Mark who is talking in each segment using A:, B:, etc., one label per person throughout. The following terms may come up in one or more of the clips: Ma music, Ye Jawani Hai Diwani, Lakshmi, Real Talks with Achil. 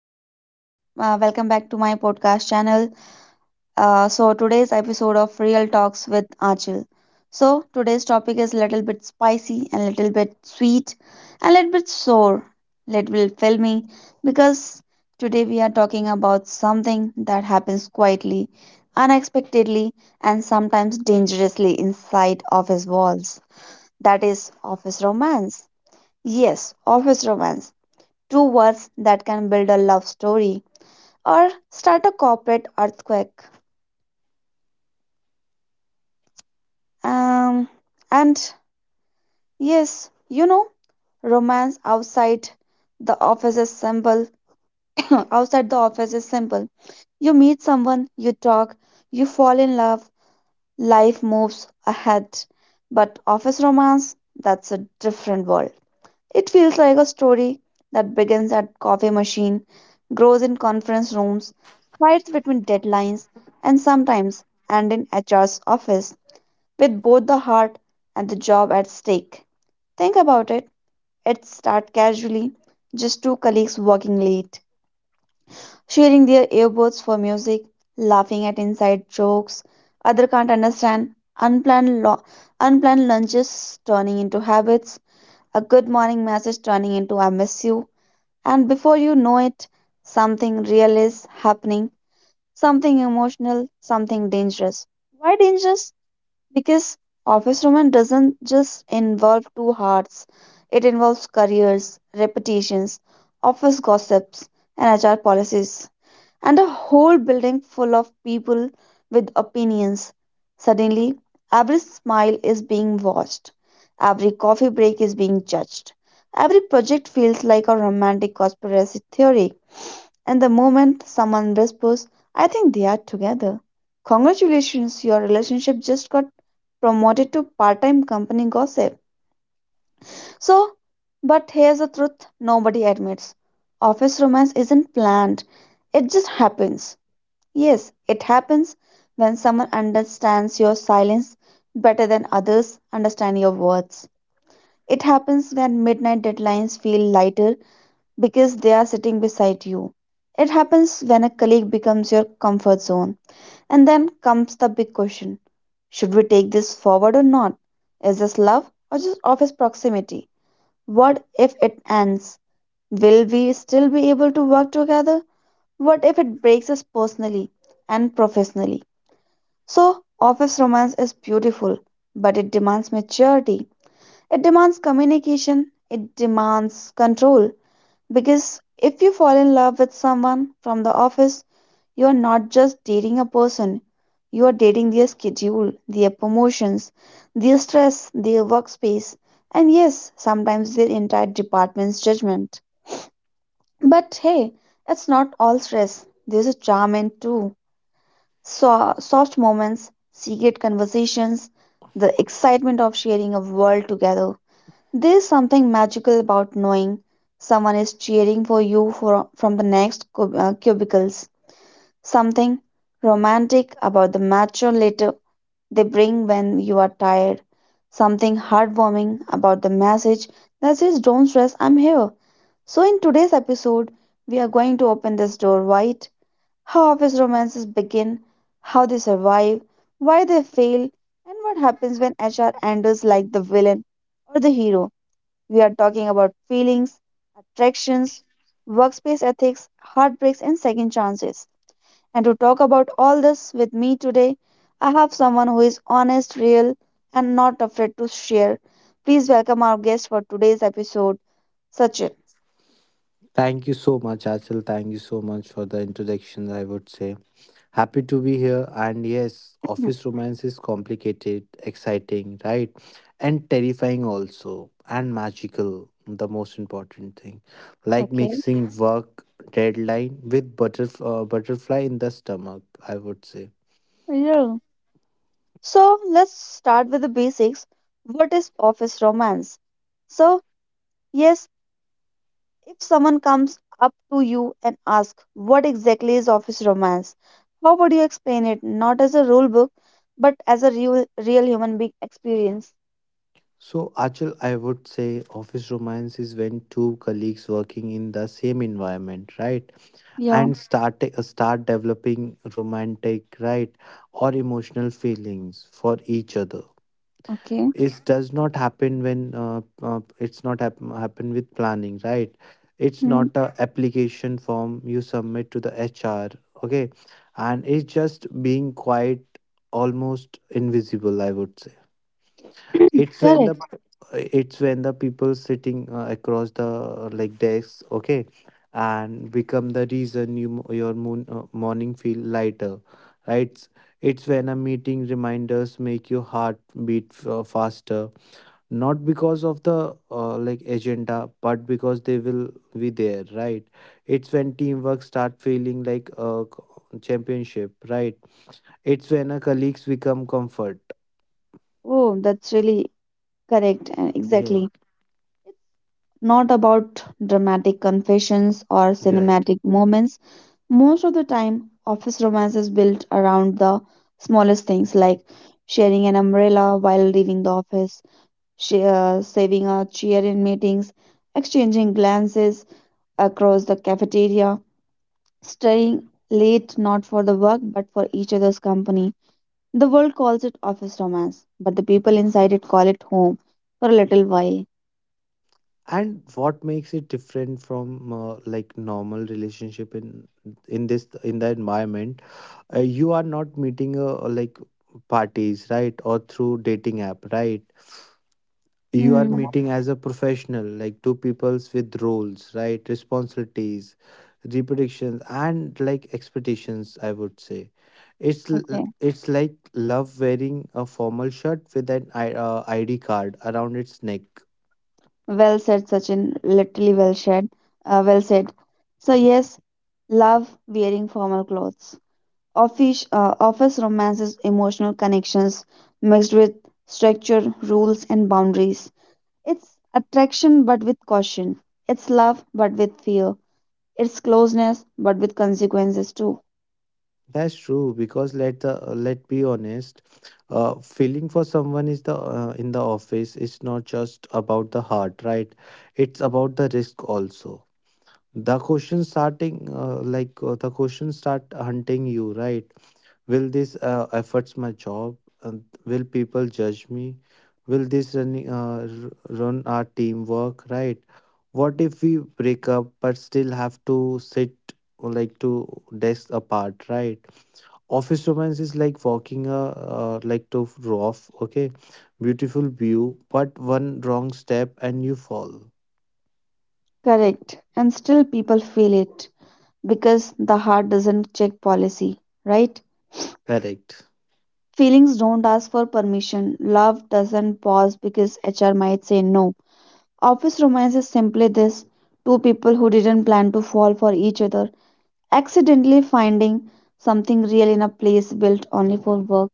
A: welcome. Welcome back to my podcast channel. So today's episode of Real Talks with Achil. So today's topic is a little bit spicy and a little bit sweet and a little bit sore, little bit filmy because today we are talking about something that happens quietly, unexpectedly, and sometimes dangerously inside office walls. That is office romance. Yes, office romance two words that can build a love story or start a corporate earthquake. Um, and yes, you know, romance outside the office is simple. Outside the office is simple. You meet someone, you talk, you fall in love, life moves ahead. But office romance, that's a different world. It feels like a story that begins at coffee machine, grows in conference rooms, hides between deadlines, and sometimes end in HR's office with both the heart and the job at stake. Think about it. It starts casually, just two colleagues working late, sharing their earbuds for music, laughing at inside jokes other can't understand, unplanned lo- unplanned lunches turning into habits, a good morning message turning into I miss you, and before you know it, something real is happening, something emotional, something dangerous. Why dangerous? Because office romance doesn't just involve two hearts, it involves careers, reputations, office gossips, and HR policies and a whole building full of people with opinions. Suddenly, every smile is being watched, every coffee break is being judged, every project feels like a romantic conspiracy theory. And the moment someone whispers, I think they are together, congratulations, your relationship just got promoted to part time company gossip. So, but here's the truth nobody admits office romance isn't planned, it just happens. Yes, it happens when someone understands your silence better than others understand your words. It happens when midnight deadlines feel lighter because they are sitting beside you. It happens when a colleague becomes your comfort zone. And then comes the big question should we take this forward or not? Is this love or just office proximity? What if it ends? Will we still be able to work together? What if it breaks us personally and professionally? So, office romance is beautiful, but it demands maturity. It demands communication. It demands control. Because if you fall in love with someone from the office, you are not just dating a person, you are dating their schedule, their promotions, their stress, their workspace, and yes, sometimes their entire department's judgment. But hey, it's not all stress, there's a charm in too. So, soft moments, secret conversations, the excitement of sharing a world together. There's something magical about knowing someone is cheering for you for, from the next cubicles. Something romantic about the mature letter they bring when you are tired. Something heartwarming about the message that says, Don't stress, I'm here. So, in today's episode, we are going to open this door wide how office romances begin, how they survive, why they fail, and what happens when HR enters like the villain or the hero. We are talking about feelings, attractions, workspace ethics, heartbreaks, and second chances. And to talk about all this with me today, I have someone who is honest, real, and not afraid to share. Please welcome our guest for today's episode, Sachin.
B: Thank you so much, Achal. Thank you so much for the introduction, I would say. Happy to be here. And yes,
A: Hmm.
B: office romance is complicated, exciting, right? And terrifying also, and magical, the most important thing. Like
A: Okay.
B: mixing work deadline with butterfly in the stomach, I would say.
A: Yeah. So let's start with the basics. What is office romance? So, yes, if someone comes up to you and asks, What exactly is office romance? How would you explain it? Not as a rule book, but as a real, real human being experience.
B: So, Achal, I would say office romance is when two colleagues working in the same environment, right?
A: Yeah,
B: And start developing romantic, right, or emotional feelings for each other.
A: okay.
B: It does not happen when it's not happen with planning, right. It's
A: Hmm.
B: not a application form you submit to the HR. Okay. And it's just being quite almost invisible, I would say. It's when the,
A: Correct.
B: it's when the people sitting across the like desks, okay, and become the reason your morning feel lighter, right. It's when a meeting reminders make your heart beat faster, not because of the like agenda, but because they will be there, right. It's when teamwork start feeling like a championship, right. It's when a colleagues become comfort.
A: Oh, that's really correct. And
B: Yes,
A: Exactly. Not about dramatic confessions or
B: right.
A: cinematic moments. Most of the time, office romance is built around the smallest things like sharing an umbrella while leaving the office, saving a chair in meetings, exchanging glances across the cafeteria, staying late not for the work but for each other's company. The world calls it office romance, but the people inside it call it home for a little while.
B: And what makes it different from like normal relationship in this in the environment? You are not meeting like parties, right, or through dating app, right. You are
A: Hmm.
B: meeting as a professional, like two peoples with roles, right, responsibilities, reproductions and like expectations, I would say. It's it's like love wearing a formal shirt with an id card around its neck.
A: Well said, Sachin. Literally well said. Well said. So yes, love wearing formal clothes. Office romances emotional connections mixed with structure, rules, and boundaries. It's attraction but with caution. It's love but with fear. It's closeness but with consequences too.
B: That's true, because let the let be honest, feeling for someone is the in the office is not just about the heart, right? It's about the risk also. The question start hunting you, right? Will this efforts my job? And will people judge me? Will this run our teamwork, right? What if we break up but still have to sit like to desk apart, right? Office romance is like walking a like to rough, okay, beautiful view, but one wrong step and you fall.
A: Correct. And still people feel it because the heart doesn't check policy, right?
B: Correct.
A: Feelings don't ask for permission. Love doesn't pause because HR might say no. Office romance is simply this two people who didn't plan to fall for each other, accidentally finding something real in a place built only for work.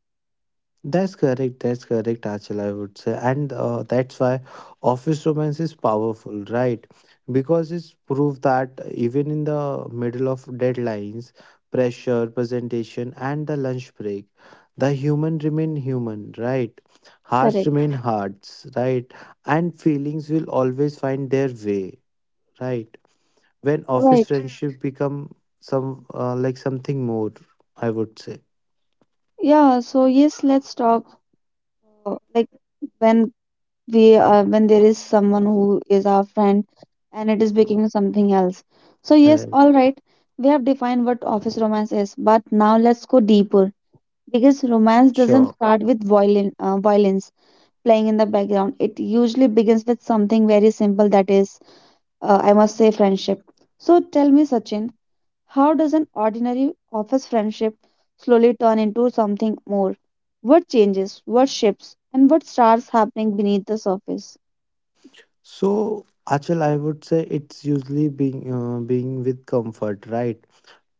B: That's correct. That's correct, Achal, I would say. And that's why office romance is powerful, right? Because it's proof that even in the middle of deadlines, pressure, presentation, and the lunch break, the human remain human, right? Hearts
A: Correct.
B: remain hearts, right? And feelings will always find their way, right? When office
A: Right.
B: friendship become some like something more, I would say.
A: Yeah, so yes, let's talk like when we when there is someone who is our friend and it is becoming something else. So yes,
B: Right.
A: all right, we have defined what office romance is, but now let's go deeper. Because romance doesn't
B: Sure.
A: start with violence playing in the background. It usually begins with something very simple that is, I must say, friendship. So tell me, Sachin, how does an ordinary office friendship slowly turn into something more? What changes, what shifts, and what starts happening beneath the surface?
B: So, Achal, I would say it's usually being with comfort, right?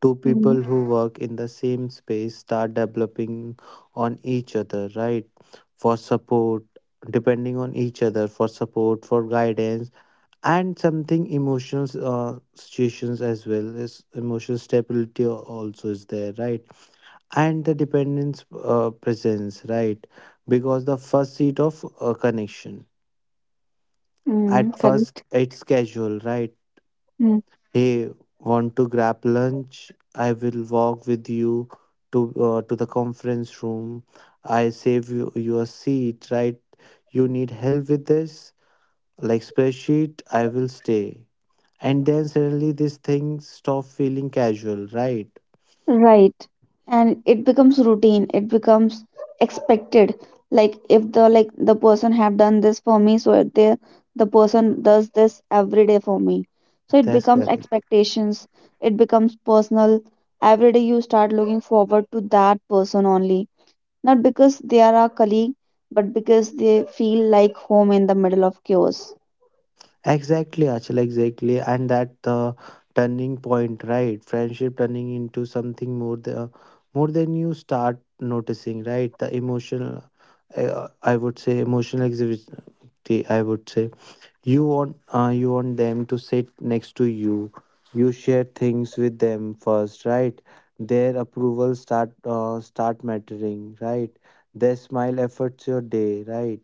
B: Two
A: Mm-hmm.
B: people who work in the same space start developing on each other, right? For support, depending on each other for support, for guidance, and something emotional situations as well as emotional stability also is there, right? And the dependence presence, right? Because the first seat of connection.
A: Mm,
B: At first,
A: correct.
B: it's casual, right? Hey, want to grab lunch? I will walk with you to, to the conference room. I save you your seat, right? You need help with this? Like spreadsheet, I will stay. And then suddenly this thing stop feeling casual, right?
A: Right. And it becomes routine. It becomes expected. Like if the like the person have done this for me, so it- the person does this every day for me. So it
B: That's
A: becomes
B: correct.
A: expectations. It becomes personal. Every day you start looking forward to that person only. Not because they are our colleague, but because they feel like home in the middle of chaos.
B: Exactly, Achal, exactly. And that the turning point, right? Friendship turning into something more than you start noticing, right? The emotional, I would say, emotional activity. I would say you want them to sit next to you. You share things with them first, right? Their approval start mattering, right? Their smile efforts your day, right?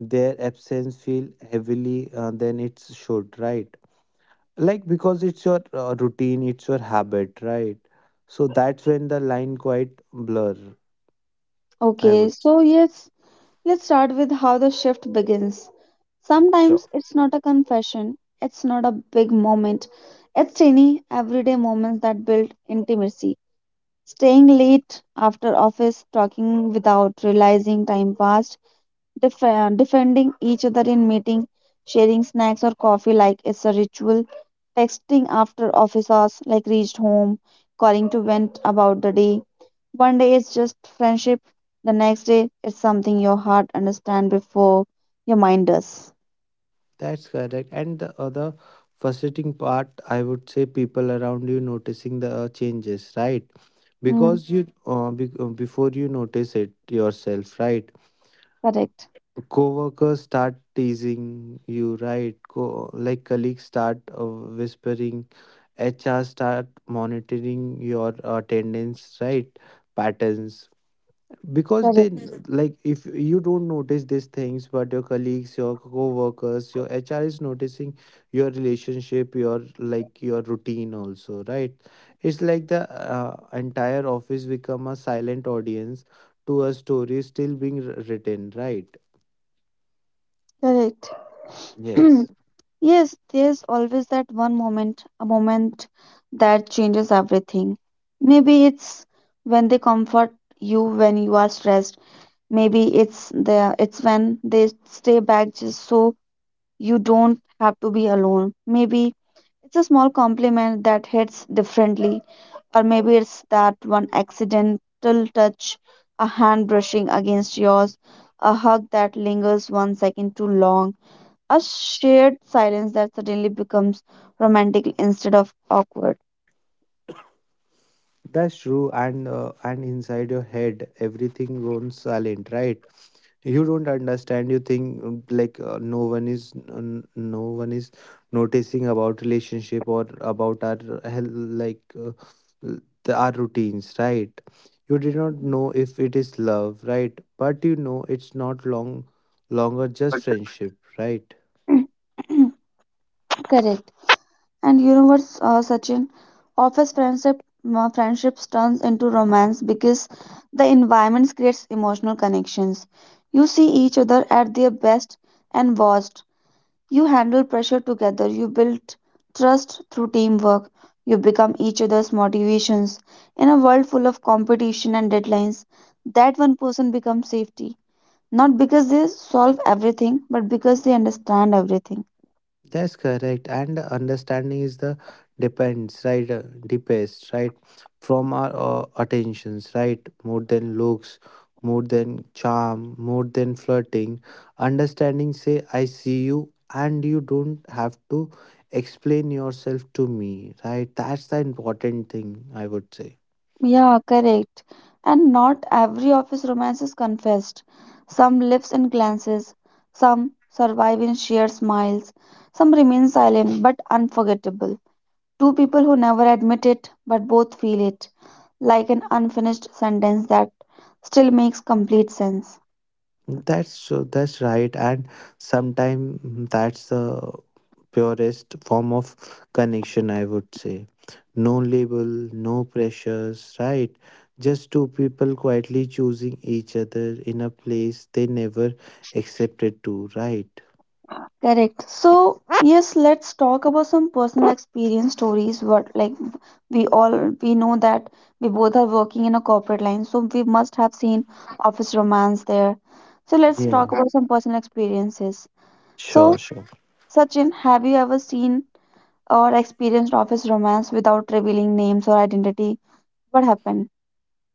B: Their absence feel heavily than it should, right. Like because it's your routine, it's your habit, right. So that's when the line quite blur, I
A: Okay,
B: would say.
A: so yes, let's start with how the shift begins.
B: So
A: Sometimes it's not a confession, it's not a big moment, it's tiny, everyday moments that build intimacy. Staying late after office, talking without realizing time passed, defending each other in meeting, sharing snacks or coffee like it's a ritual, texting after office hours like reached home, calling to vent about the day. One day it's just friendship, the next day it's something your heart understands before your mind does.
B: that's correct, and the other frustrating part, I would say, people around you noticing the changes, right,
A: Mm,
B: because before you notice it yourself, right.
A: correct.
B: Coworkers start teasing you, right? Like colleagues start whispering, HR start monitoring your attendance, right? Patterns, because they,
A: Correct.
B: Mhm, like if you don't notice these things, but your colleagues, your co-workers, your HR is noticing your relationship, your like your routine also, right? It's like the, uh, entire office become a silent audience to a story still being written, right?
A: Correct.
B: Yes.
A: Yes, there's always that one moment, a moment that changes everything. Maybe it's when they comfort you when you are stressed. Maybe it's when they stay back just so you don't have to be alone. Maybe it's a small compliment that hits differently, or maybe it's that one accidental touch, a hand brushing against yours, a hug that lingers one second too long a shared silence that suddenly becomes romantic instead of awkward.
B: That's true, and inside your head, everything goes silent, right? You don't understand. You think no one is no one is noticing about relationship or about our health, like uh, our routines, right? You did not know if it is love, right? But you know it's not long longer just friendship, right?
A: Correct. And you know what, Sachin? Office friendships turns into romance because the environment creates emotional connections. You see each other at their best and worst. You handle pressure together. You build trust through teamwork. You become each other's motivations. In a world full of competition and deadlines, that one person becomes safety. Not because they solve everything, but because they understand everything.
B: That's correct. And the understanding is the depends, right? Depends, right? From our attentions, right? More than looks, more than charm, more than flirting. Understanding say, I see you, and you don't have to explain yourself to me, right? That's the important thing, I would say.
A: Yeah, correct. And not every office romance is confessed. Some lives in glances, some survive in shared smiles, some remain silent but unforgettable. Two people who never admit it but both feel it, like an unfinished sentence that still makes complete sense.
B: That's right, and sometimes that's the purest form of connection. I would say, no label, no pressures, right? Just two people quietly choosing each other in a place they never accepted to, right?
A: Correct. So, yes, let's talk about some personal experience stories. What like we all we know that we both are working in a corporate line, so we must have seen office romance there. So let's
B: Yeah,
A: talk about some personal experiences. So,
B: sure.
A: Sachin, have you ever seen or experienced office romance without revealing names or identity? What happened?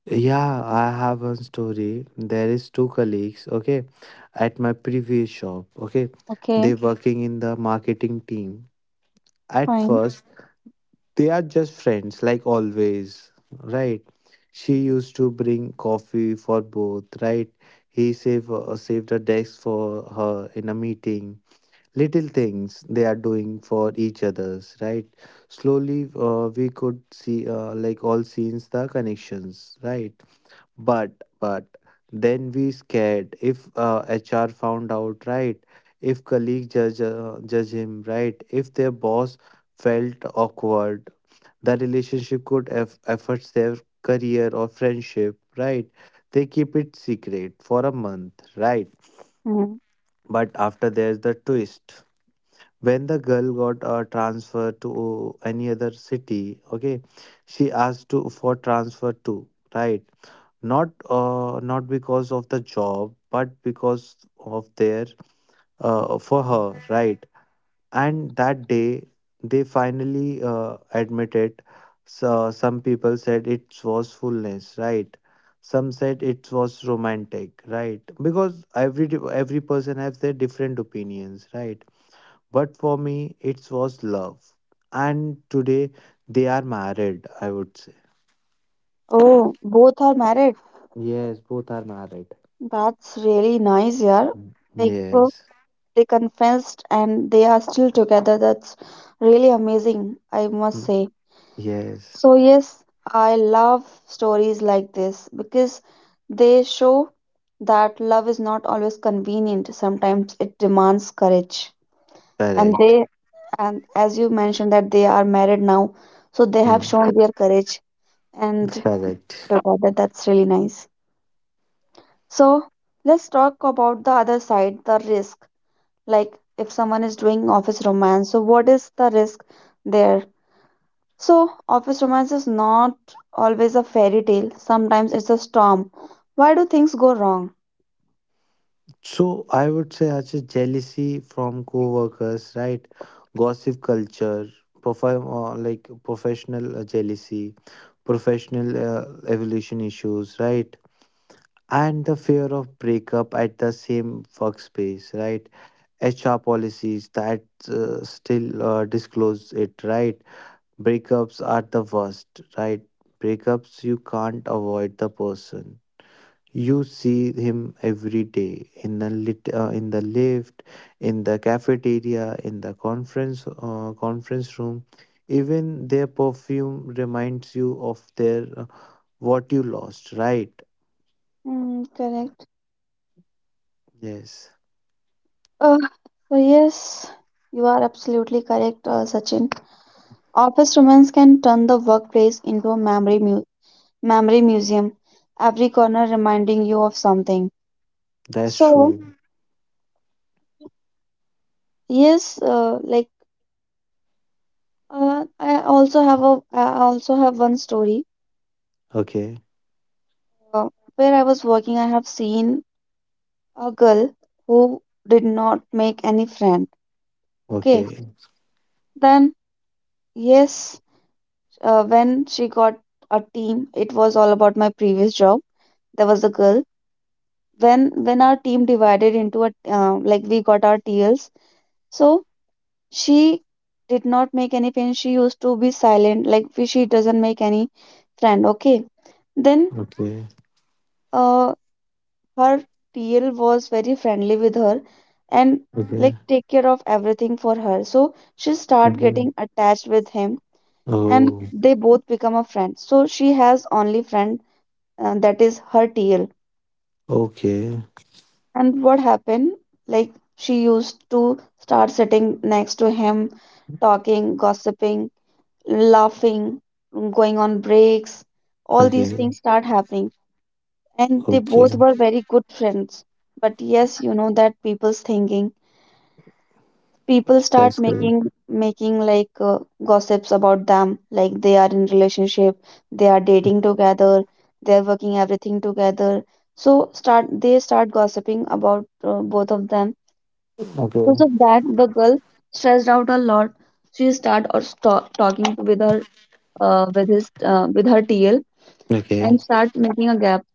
B: Yeah, I have one story. There is two colleagues, okay, at my previous shop, okay.
A: Okay,
B: They working in the marketing team. At
A: fine.
B: first, they are just friends, like always, right? She used to bring coffee for both, right? He saved a desk for her in a meeting. Little things they are doing for each others, right? Slowly, we could see, like all scenes, the connections, right? But, but then we scared if HR found out, right? If colleague judge judge him, right? If their boss felt awkward, the relationship could affect their career or friendship, right? They keep it secret for a month, right?
A: Mhm.
B: But after there's the twist. When the girl got a transfer to any other city, okay, she asked to for transfer too, right? Not not because of the job, but because of their, for her, right? And that day they finally admit it. So some people said it was fullness, right. Some said it was romantic, right, because every person has their different opinions, right. But for me it was love. And today they are married, I would say.
A: Oh, both are married.
B: Yes, both are married.
A: That's really nice, yeah.
B: Mm.
A: Like, so
B: Yes.
A: they confessed and they are still together. That's really amazing, I must
B: Mm,
A: say.
B: yes.
A: So, yes, I love stories like this because they show that love is not always convenient. Sometimes it demands courage. And
B: Correct.
A: they, and as you mentioned, that they are married now, so they have
B: Mm,
A: shown their courage and
B: correct.
A: together. That's really nice. So let's talk about the other side, the risk. Like if someone is doing office romance, so what is the risk there? So office romance is not always a fairy tale. Sometimes it's a storm. Why do things go wrong?
B: So I would say Ashish, jealousy from co-workers, right? Gossip culture, perform like professional jealousy, professional evolution issues, right? And the fear of breakup at the same workspace, right? HR policies that still disclose it, right? Breakups are the worst, right? Breakups you can't avoid the person, you see him every day in the in the lift, in the cafeteria, in the conference room. Even their perfume reminds you of their, what you lost, right?
A: Mm, correct.
B: Yes,
A: Uh, so yes, you are absolutely correct, Sachin. Office romance can turn the workplace into a memory museum. Every corner reminding you of something.
B: that's
A: So
B: true.
A: yes, I also have one story
B: Okay,
A: uh, where I was working. I have seen a girl who did not make any friend. Okay,
B: okay,
A: then yes, when she got a team, it was all about my previous job. There was a girl. When our team divided into a like we got our TLs, so she did not make any friend. She used to be silent, like she doesn't make any friend. Okay, then.
B: okay,
A: Uh, Her TL was very friendly with her and like
B: okay,
A: take care of everything for her. So she start getting
B: okay.
A: attached with him and
B: Oh,
A: they both become a friend. So she has only friend, that is her TL.
B: okay,
A: And what happened? Like she used to start sitting next to him, talking, gossiping, laughing, going on breaks. All these
B: okay,
A: things start happening. And they
B: okay.
A: both were very good friends. But yes, you know that people's thinking, people start
B: That's great.
A: making like gossips about them, like they are in relationship, they are dating together, they are working everything together, so start they start gossiping about both of them. Because
B: Okay,
A: of that, the girl stressed out a lot. She start or stop talking with her, with her TL, and
B: okay.
A: start making a gap.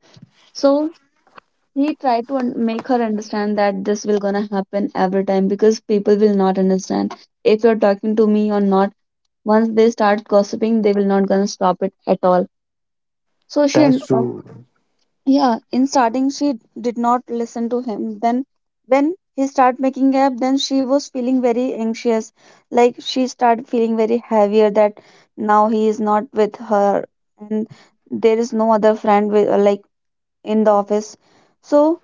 A: So he tried to make her understand that this will gonna happen every time because people will not understand if you're talking to me or not. Once they start gossiping, they will not gonna stop it at all. So she
B: That's
A: and
B: true.
A: yeah, in starting she did not listen to him. Then when he started making up, then she was feeling very anxious, like she started feeling very heavier that now he is not with her, and there is no other friend with, like in the office. So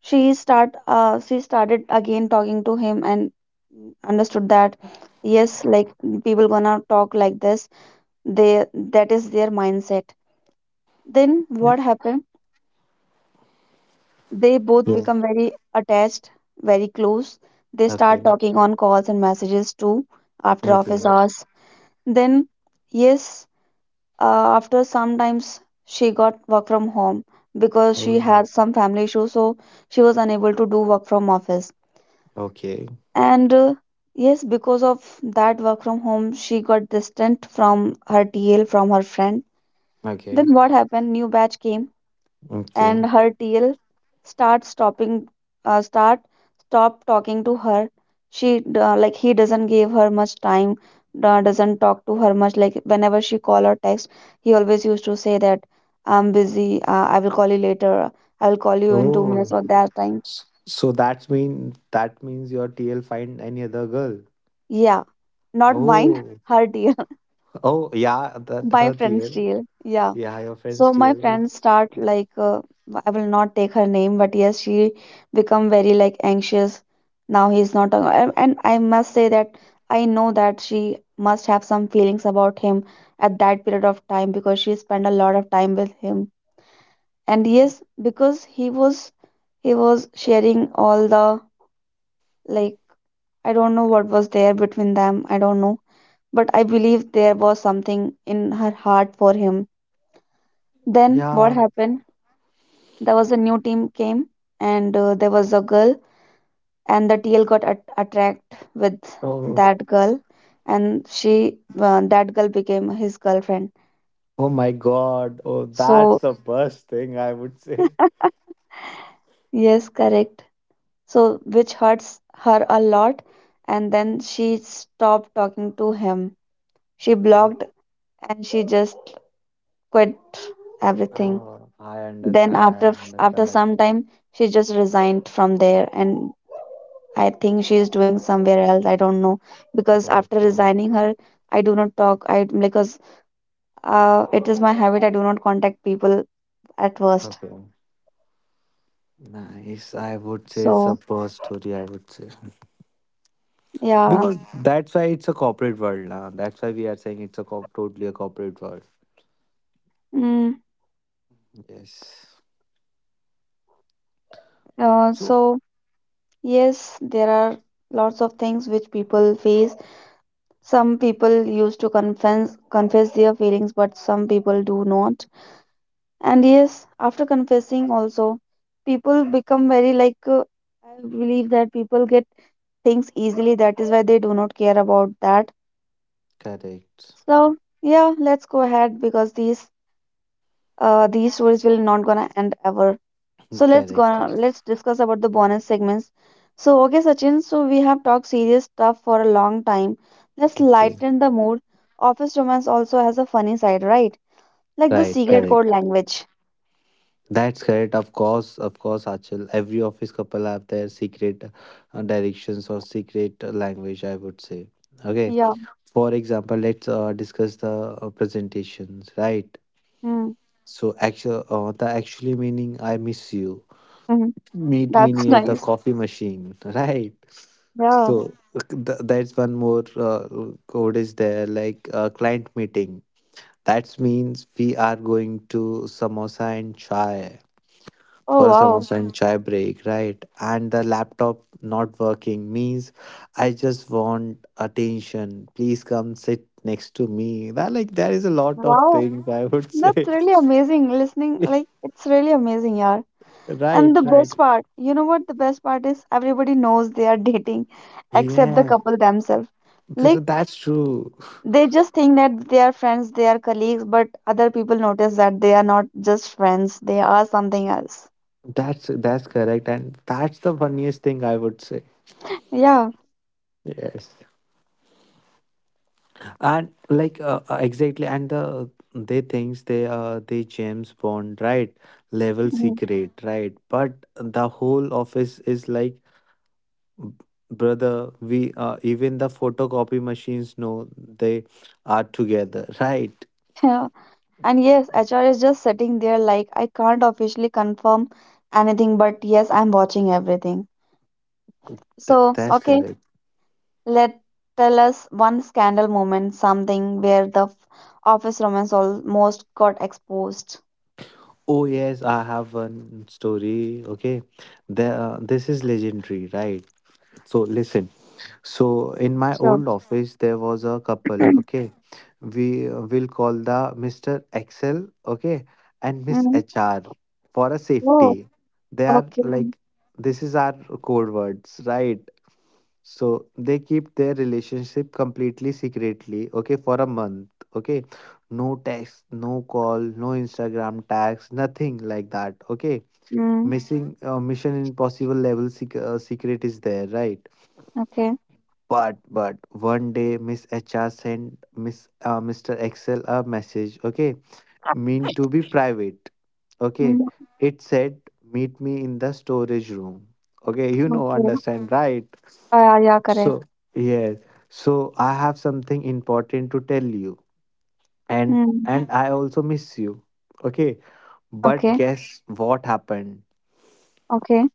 A: she started again talking to him and understood that yes, like people gonna talk like this, they, that is their mindset. Then what happened, they both
B: Yes.
A: become very attached, very close. They start
B: Okay.
A: talking on calls and messages too, after office
B: Okay.
A: hours. Then yes, after sometimes she got work from home because she
B: Oh.
A: had some family issues, so she was unable to do work from office.
B: Okay.
A: And yes, because of that work from home, she got distant from her TL, from her friend.
B: Okay.
A: Then what happened, new batch came,
B: Okay.
A: and her tail start stopping start stop talking to her. Like he doesn't give her much time, doesn't talk to her much. Like whenever she call or text, he always used to say that I'm busy, I will call you later, I will call you in 2 minutes,
B: Oh.
A: or that time.
B: So that mean that means your TL find any other girl.
A: Yeah, not mine.
B: Oh.
A: Her deal.
B: Oh yeah, that
A: My
B: her
A: friend's
B: TL.
A: deal, yeah.
B: Yeah, your friend's
A: So my
B: TL.
A: friend
B: It's
A: start like I will not take her name, but yes, she become very like anxious now he's not. And I must say that I know that she must have some feelings about him at that period of time because she spent a lot of time with him. And yes, because he was sharing all the, like, I don't know what was there between them. I don't know, but I believe there was something in her heart for him. Then what
B: yeah.
A: happened? There was a new team came, and there was a girl, and the TL got attract with
B: Oh.
A: that girl, and she that girl became his girlfriend.
B: Oh my God. Oh, that's
A: So
B: the worst thing I would say.
A: yes, correct. So which hurts her a lot, and then she stopped talking to him. She
B: Yeah.
A: blocked, and she just quit everything.
B: Oh, I
A: Then
B: understand. I
A: after
B: understand that.
A: some time, she just resigned from there, and I think she's doing somewhere else. I don't know, because after
B: Okay.
A: resigning her, I do not talk. I, because it is my habit, I do not contact people at first.
B: Okay. Nice. I would say it's a
A: So
B: first story, I would say.
A: yeah,
B: Because that's why it's a corporate world now. That's why we are saying it's a totally a corporate world.
A: mm,
B: Yes. So
A: so yes, there are lots of things which people face. Some people used to confess their feelings, but some people do not. And yes, after confessing also, people become very like I believe that people get things easily. That is why they do not care about that.
B: correct.
A: So yeah, let's go ahead because these stories will not gonna end ever. So
B: Correct, correct.
A: let's discuss about the bonus segments. So okay, Sachin. So we have talked serious stuff for a long time. Let's
B: Okay.
A: lighten the mood. Office romance also has a funny side, right? Like the
B: Right.
A: secret code
B: Correct.
A: language.
B: That's correct. Of course. Of course, Achal. Every office couple have their secret directions or secret language. I would say. Okay.
A: Yeah.
B: For example, let's discuss the presentations. Right.
A: Hmm.
B: So actual the actually meaning I miss you.
A: Hmm.
B: Meet me
A: That's
B: near the
A: nice.
B: coffee machine. Right.
A: Yeah.
B: So that's one more code is there, like client meeting. That means we are going to samosa and chai
A: Oh
B: for a
A: wow.
B: samosa and chai break, right? And the laptop not working means I just want attention. Please come sit next to me. That like there is a lot of
A: Wow.
B: things I would
A: That's
B: say.
A: really amazing. Listening, like it's really amazing, yeah. And
B: Right,
A: the
B: right.
A: best part, you know what? The best part is everybody knows they are dating except the
B: Yeah,
A: couple themselves.
B: so
A: Like,
B: that's true.
A: they just think that they are friends, they are colleagues, but other people notice that they are not just friends, they are something else.
B: That's correct, and that's the funniest thing I would say.
A: Yeah.
B: Yes, and like exactly, and the they thinks they James Bond, right, level
A: Mhm.
B: secret, right, but the whole office is like, "B- Brother. We even the photocopy machines know they are together." Right.
A: Yeah. And yes, HR is just sitting there like, I can't officially confirm anything, but yes, I'm watching everything. So,
B: That's
A: okay,
B: correct.
A: let tell us one scandal moment, something where the office romance almost got exposed.
B: Oh yes, I have one story. Okay, the this is legendary, right. So listen, so in my
A: Sure.
B: old office there was a couple. Okay, we will call the Mr. Excel, okay, and Miss
A: Mm.
B: HR for a
A: Oh,
B: safety. They are
A: okay.
B: like, this is our code words, right? So they keep their relationship completely secretly, okay, for a month, okay. No text, no call, no Instagram tags, nothing like that, okay.
A: Mm.
B: Missing Mission Impossible level secret is there, right?
A: Okay.
B: But one day Miss HR sent Miss Mr. Excel a message, okay, mean to be private. Okay.
A: Mm.
B: It said, meet me in the storage room. Okay. You know,
A: Okay.
B: understand, right?
A: Yeah, yeah, correct.
B: So, yes. So, I have something important to tell you. And,
A: Mm.
B: and I also miss you. Okay. But
A: Okay.
B: guess what happened?
A: Okay.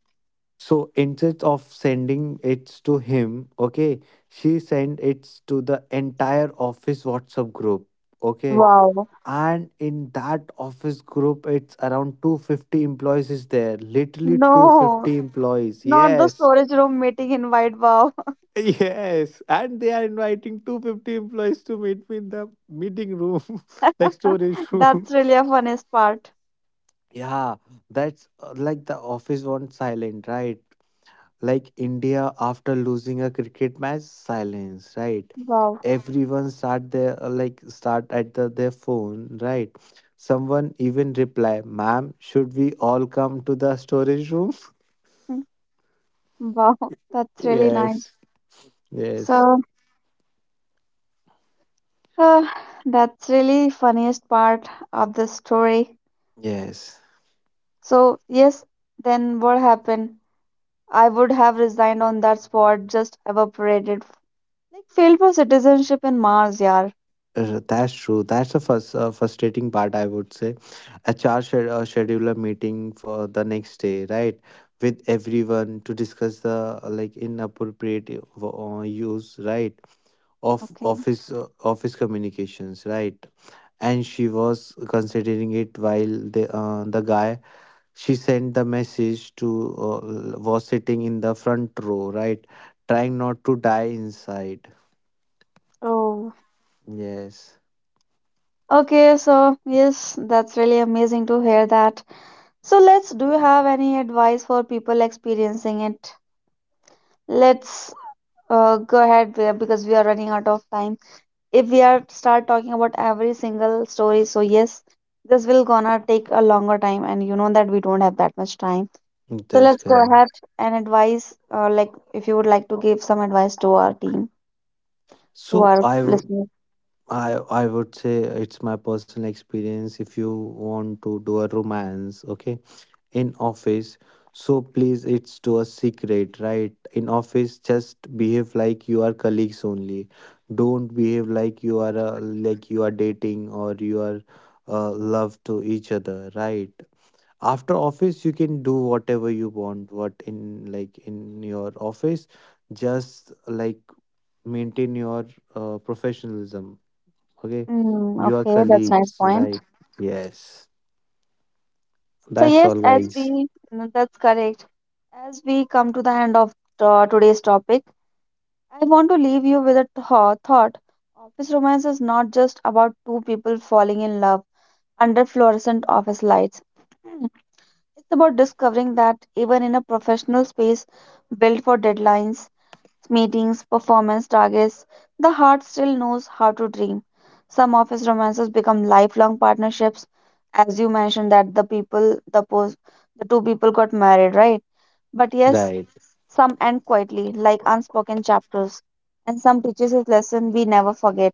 B: So, instead of sending it to him, okay, she sent it to the entire office WhatsApp group. Okay,
A: Wow.
B: and in that office group it's around 250 employees is there, literally
A: No,
B: 250 employees,
A: not the
B: yes.
A: storage room meeting invite. Wow.
B: Yes, and they are inviting 250 employees to meet me in the meeting room, like storage room.
A: That's really a funniest part.
B: Yeah, that's like the office went silent, right, like india after losing a cricket match silence, right.
A: Wow.
B: Everyone start their, start at the, their phone, right. Someone even reply, ma'am should we all come to the storage room?
A: Mm. Wow. That's really nice.
B: Yes, yes,
A: So, uh, that's really funniest part of the story.
B: yes.
A: So, yes, then what happened? I would have resigned on that spot, just evaporated, like failed for citizenship in Mars, yaar.
B: That's true, that's the first frustrating part, I would say. HR scheduler meeting for the next day, right, with everyone to discuss the like inappropriate use, right, of
A: Okay.
B: office, office communications, right. And she was considering it while the, the guy she sent the message to, uh, was sitting in the front row, right, trying not to die inside.
A: Oh,
B: Yes.
A: okay, so yes, that's really amazing to hear that. So let's, do you have any advice for people experiencing it? Let's go ahead, because we are running out of time. If we are start talking about every single story, so yes, this will gonna take a longer time, and you know that we don't have that much time. So
B: That's
A: let's go
B: correct.
A: ahead and advise, like if you would like to give some advice to our team,
B: So
A: to our listeners.
B: I would say it's my personal experience, if you want to do a romance, okay, in office, so please it's to a secret, right, in office, just behave like you are colleagues only. Don't behave like you are dating or you are love to each other, right. After office you can do whatever you want, what in like in your office just like maintain your professionalism, okay.
A: Mm,
B: You are
A: okay, that's
B: colleagues,
A: nice point.
B: right. Yes,
A: So
B: that's
A: yes,
B: all
A: as
B: guys.
A: we, mm, that's correct. As we come to the end of today's topic, I want to leave you with a thought. Office romance is not just about two people falling in love under fluorescent office lights. It's about discovering that even in a professional space built for deadlines, meetings, performance targets, the heart still knows how to dream. Some office romances become lifelong partnerships, as you mentioned that the people, the two people got married, right? But yes,
B: Right.
A: some end quietly, like unspoken chapters, and some teaches us lesson we never forget.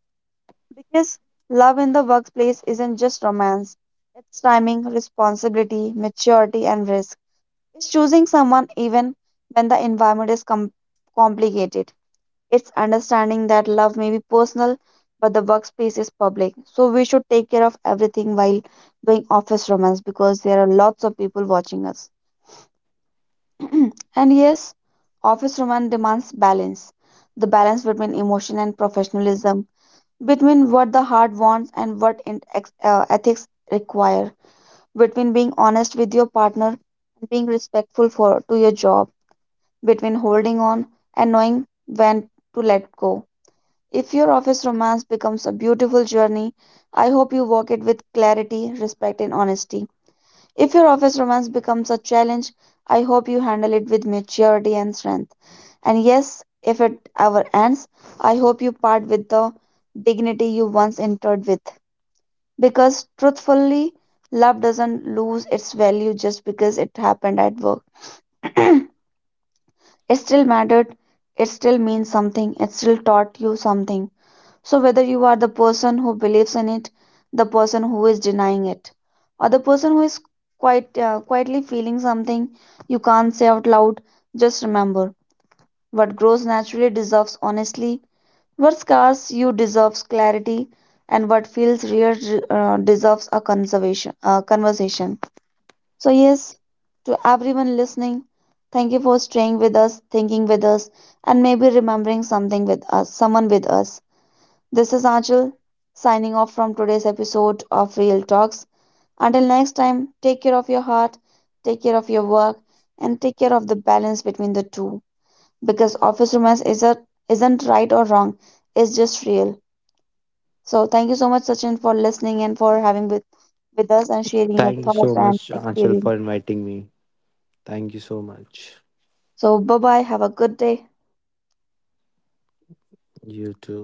A: Because love in the workplace isn't just romance; it's timing, responsibility, maturity, and risk. It's choosing someone even when the environment is complicated. It's understanding that love may be personal, but the workspace is public. So we should take care of everything while doing office romance because there are lots of people watching us. And yes, office romance demands balance, the balance between emotion and professionalism, between what the heart wants and what ethics require, between being honest with your partner and being respectful for to your job, between holding on and knowing when to let go. If your office romance becomes a beautiful journey, I hope you walk it with clarity, respect, and honesty. If your office romance becomes a challenge, I hope you handle it with maturity and strength. And yes, if it ever ends, I hope you part with the dignity you once entered with. Because truthfully, love doesn't lose its value just because it happened at work. It still mattered, it still means something, it still taught you something. So, whether you are the person who believes in it, the person who is denying it, or the person who is quite quietly feeling something you can't say out loud, just remember, what grows naturally deserves honesty, what scars you deserves clarity, and what feels real deserves a conservation conversation. So, yes, to everyone listening, thank you for staying with us, thinking with us, and maybe remembering something with us, someone with us. This is Anjal signing off from today's episode of Real Talks. Until next time, take care of your heart, take care of your work, and take care of the balance between the two. Because office romance is isn't right or wrong, it's just real. So thank you so much, Sachin, for listening and for having with us and sharing
B: Thank
A: your
B: you
A: thoughts
B: so
A: and
B: much, Anshul, for
A: experience.
B: inviting me. Thank you so much.
A: So bye bye, have a good day.
B: You too.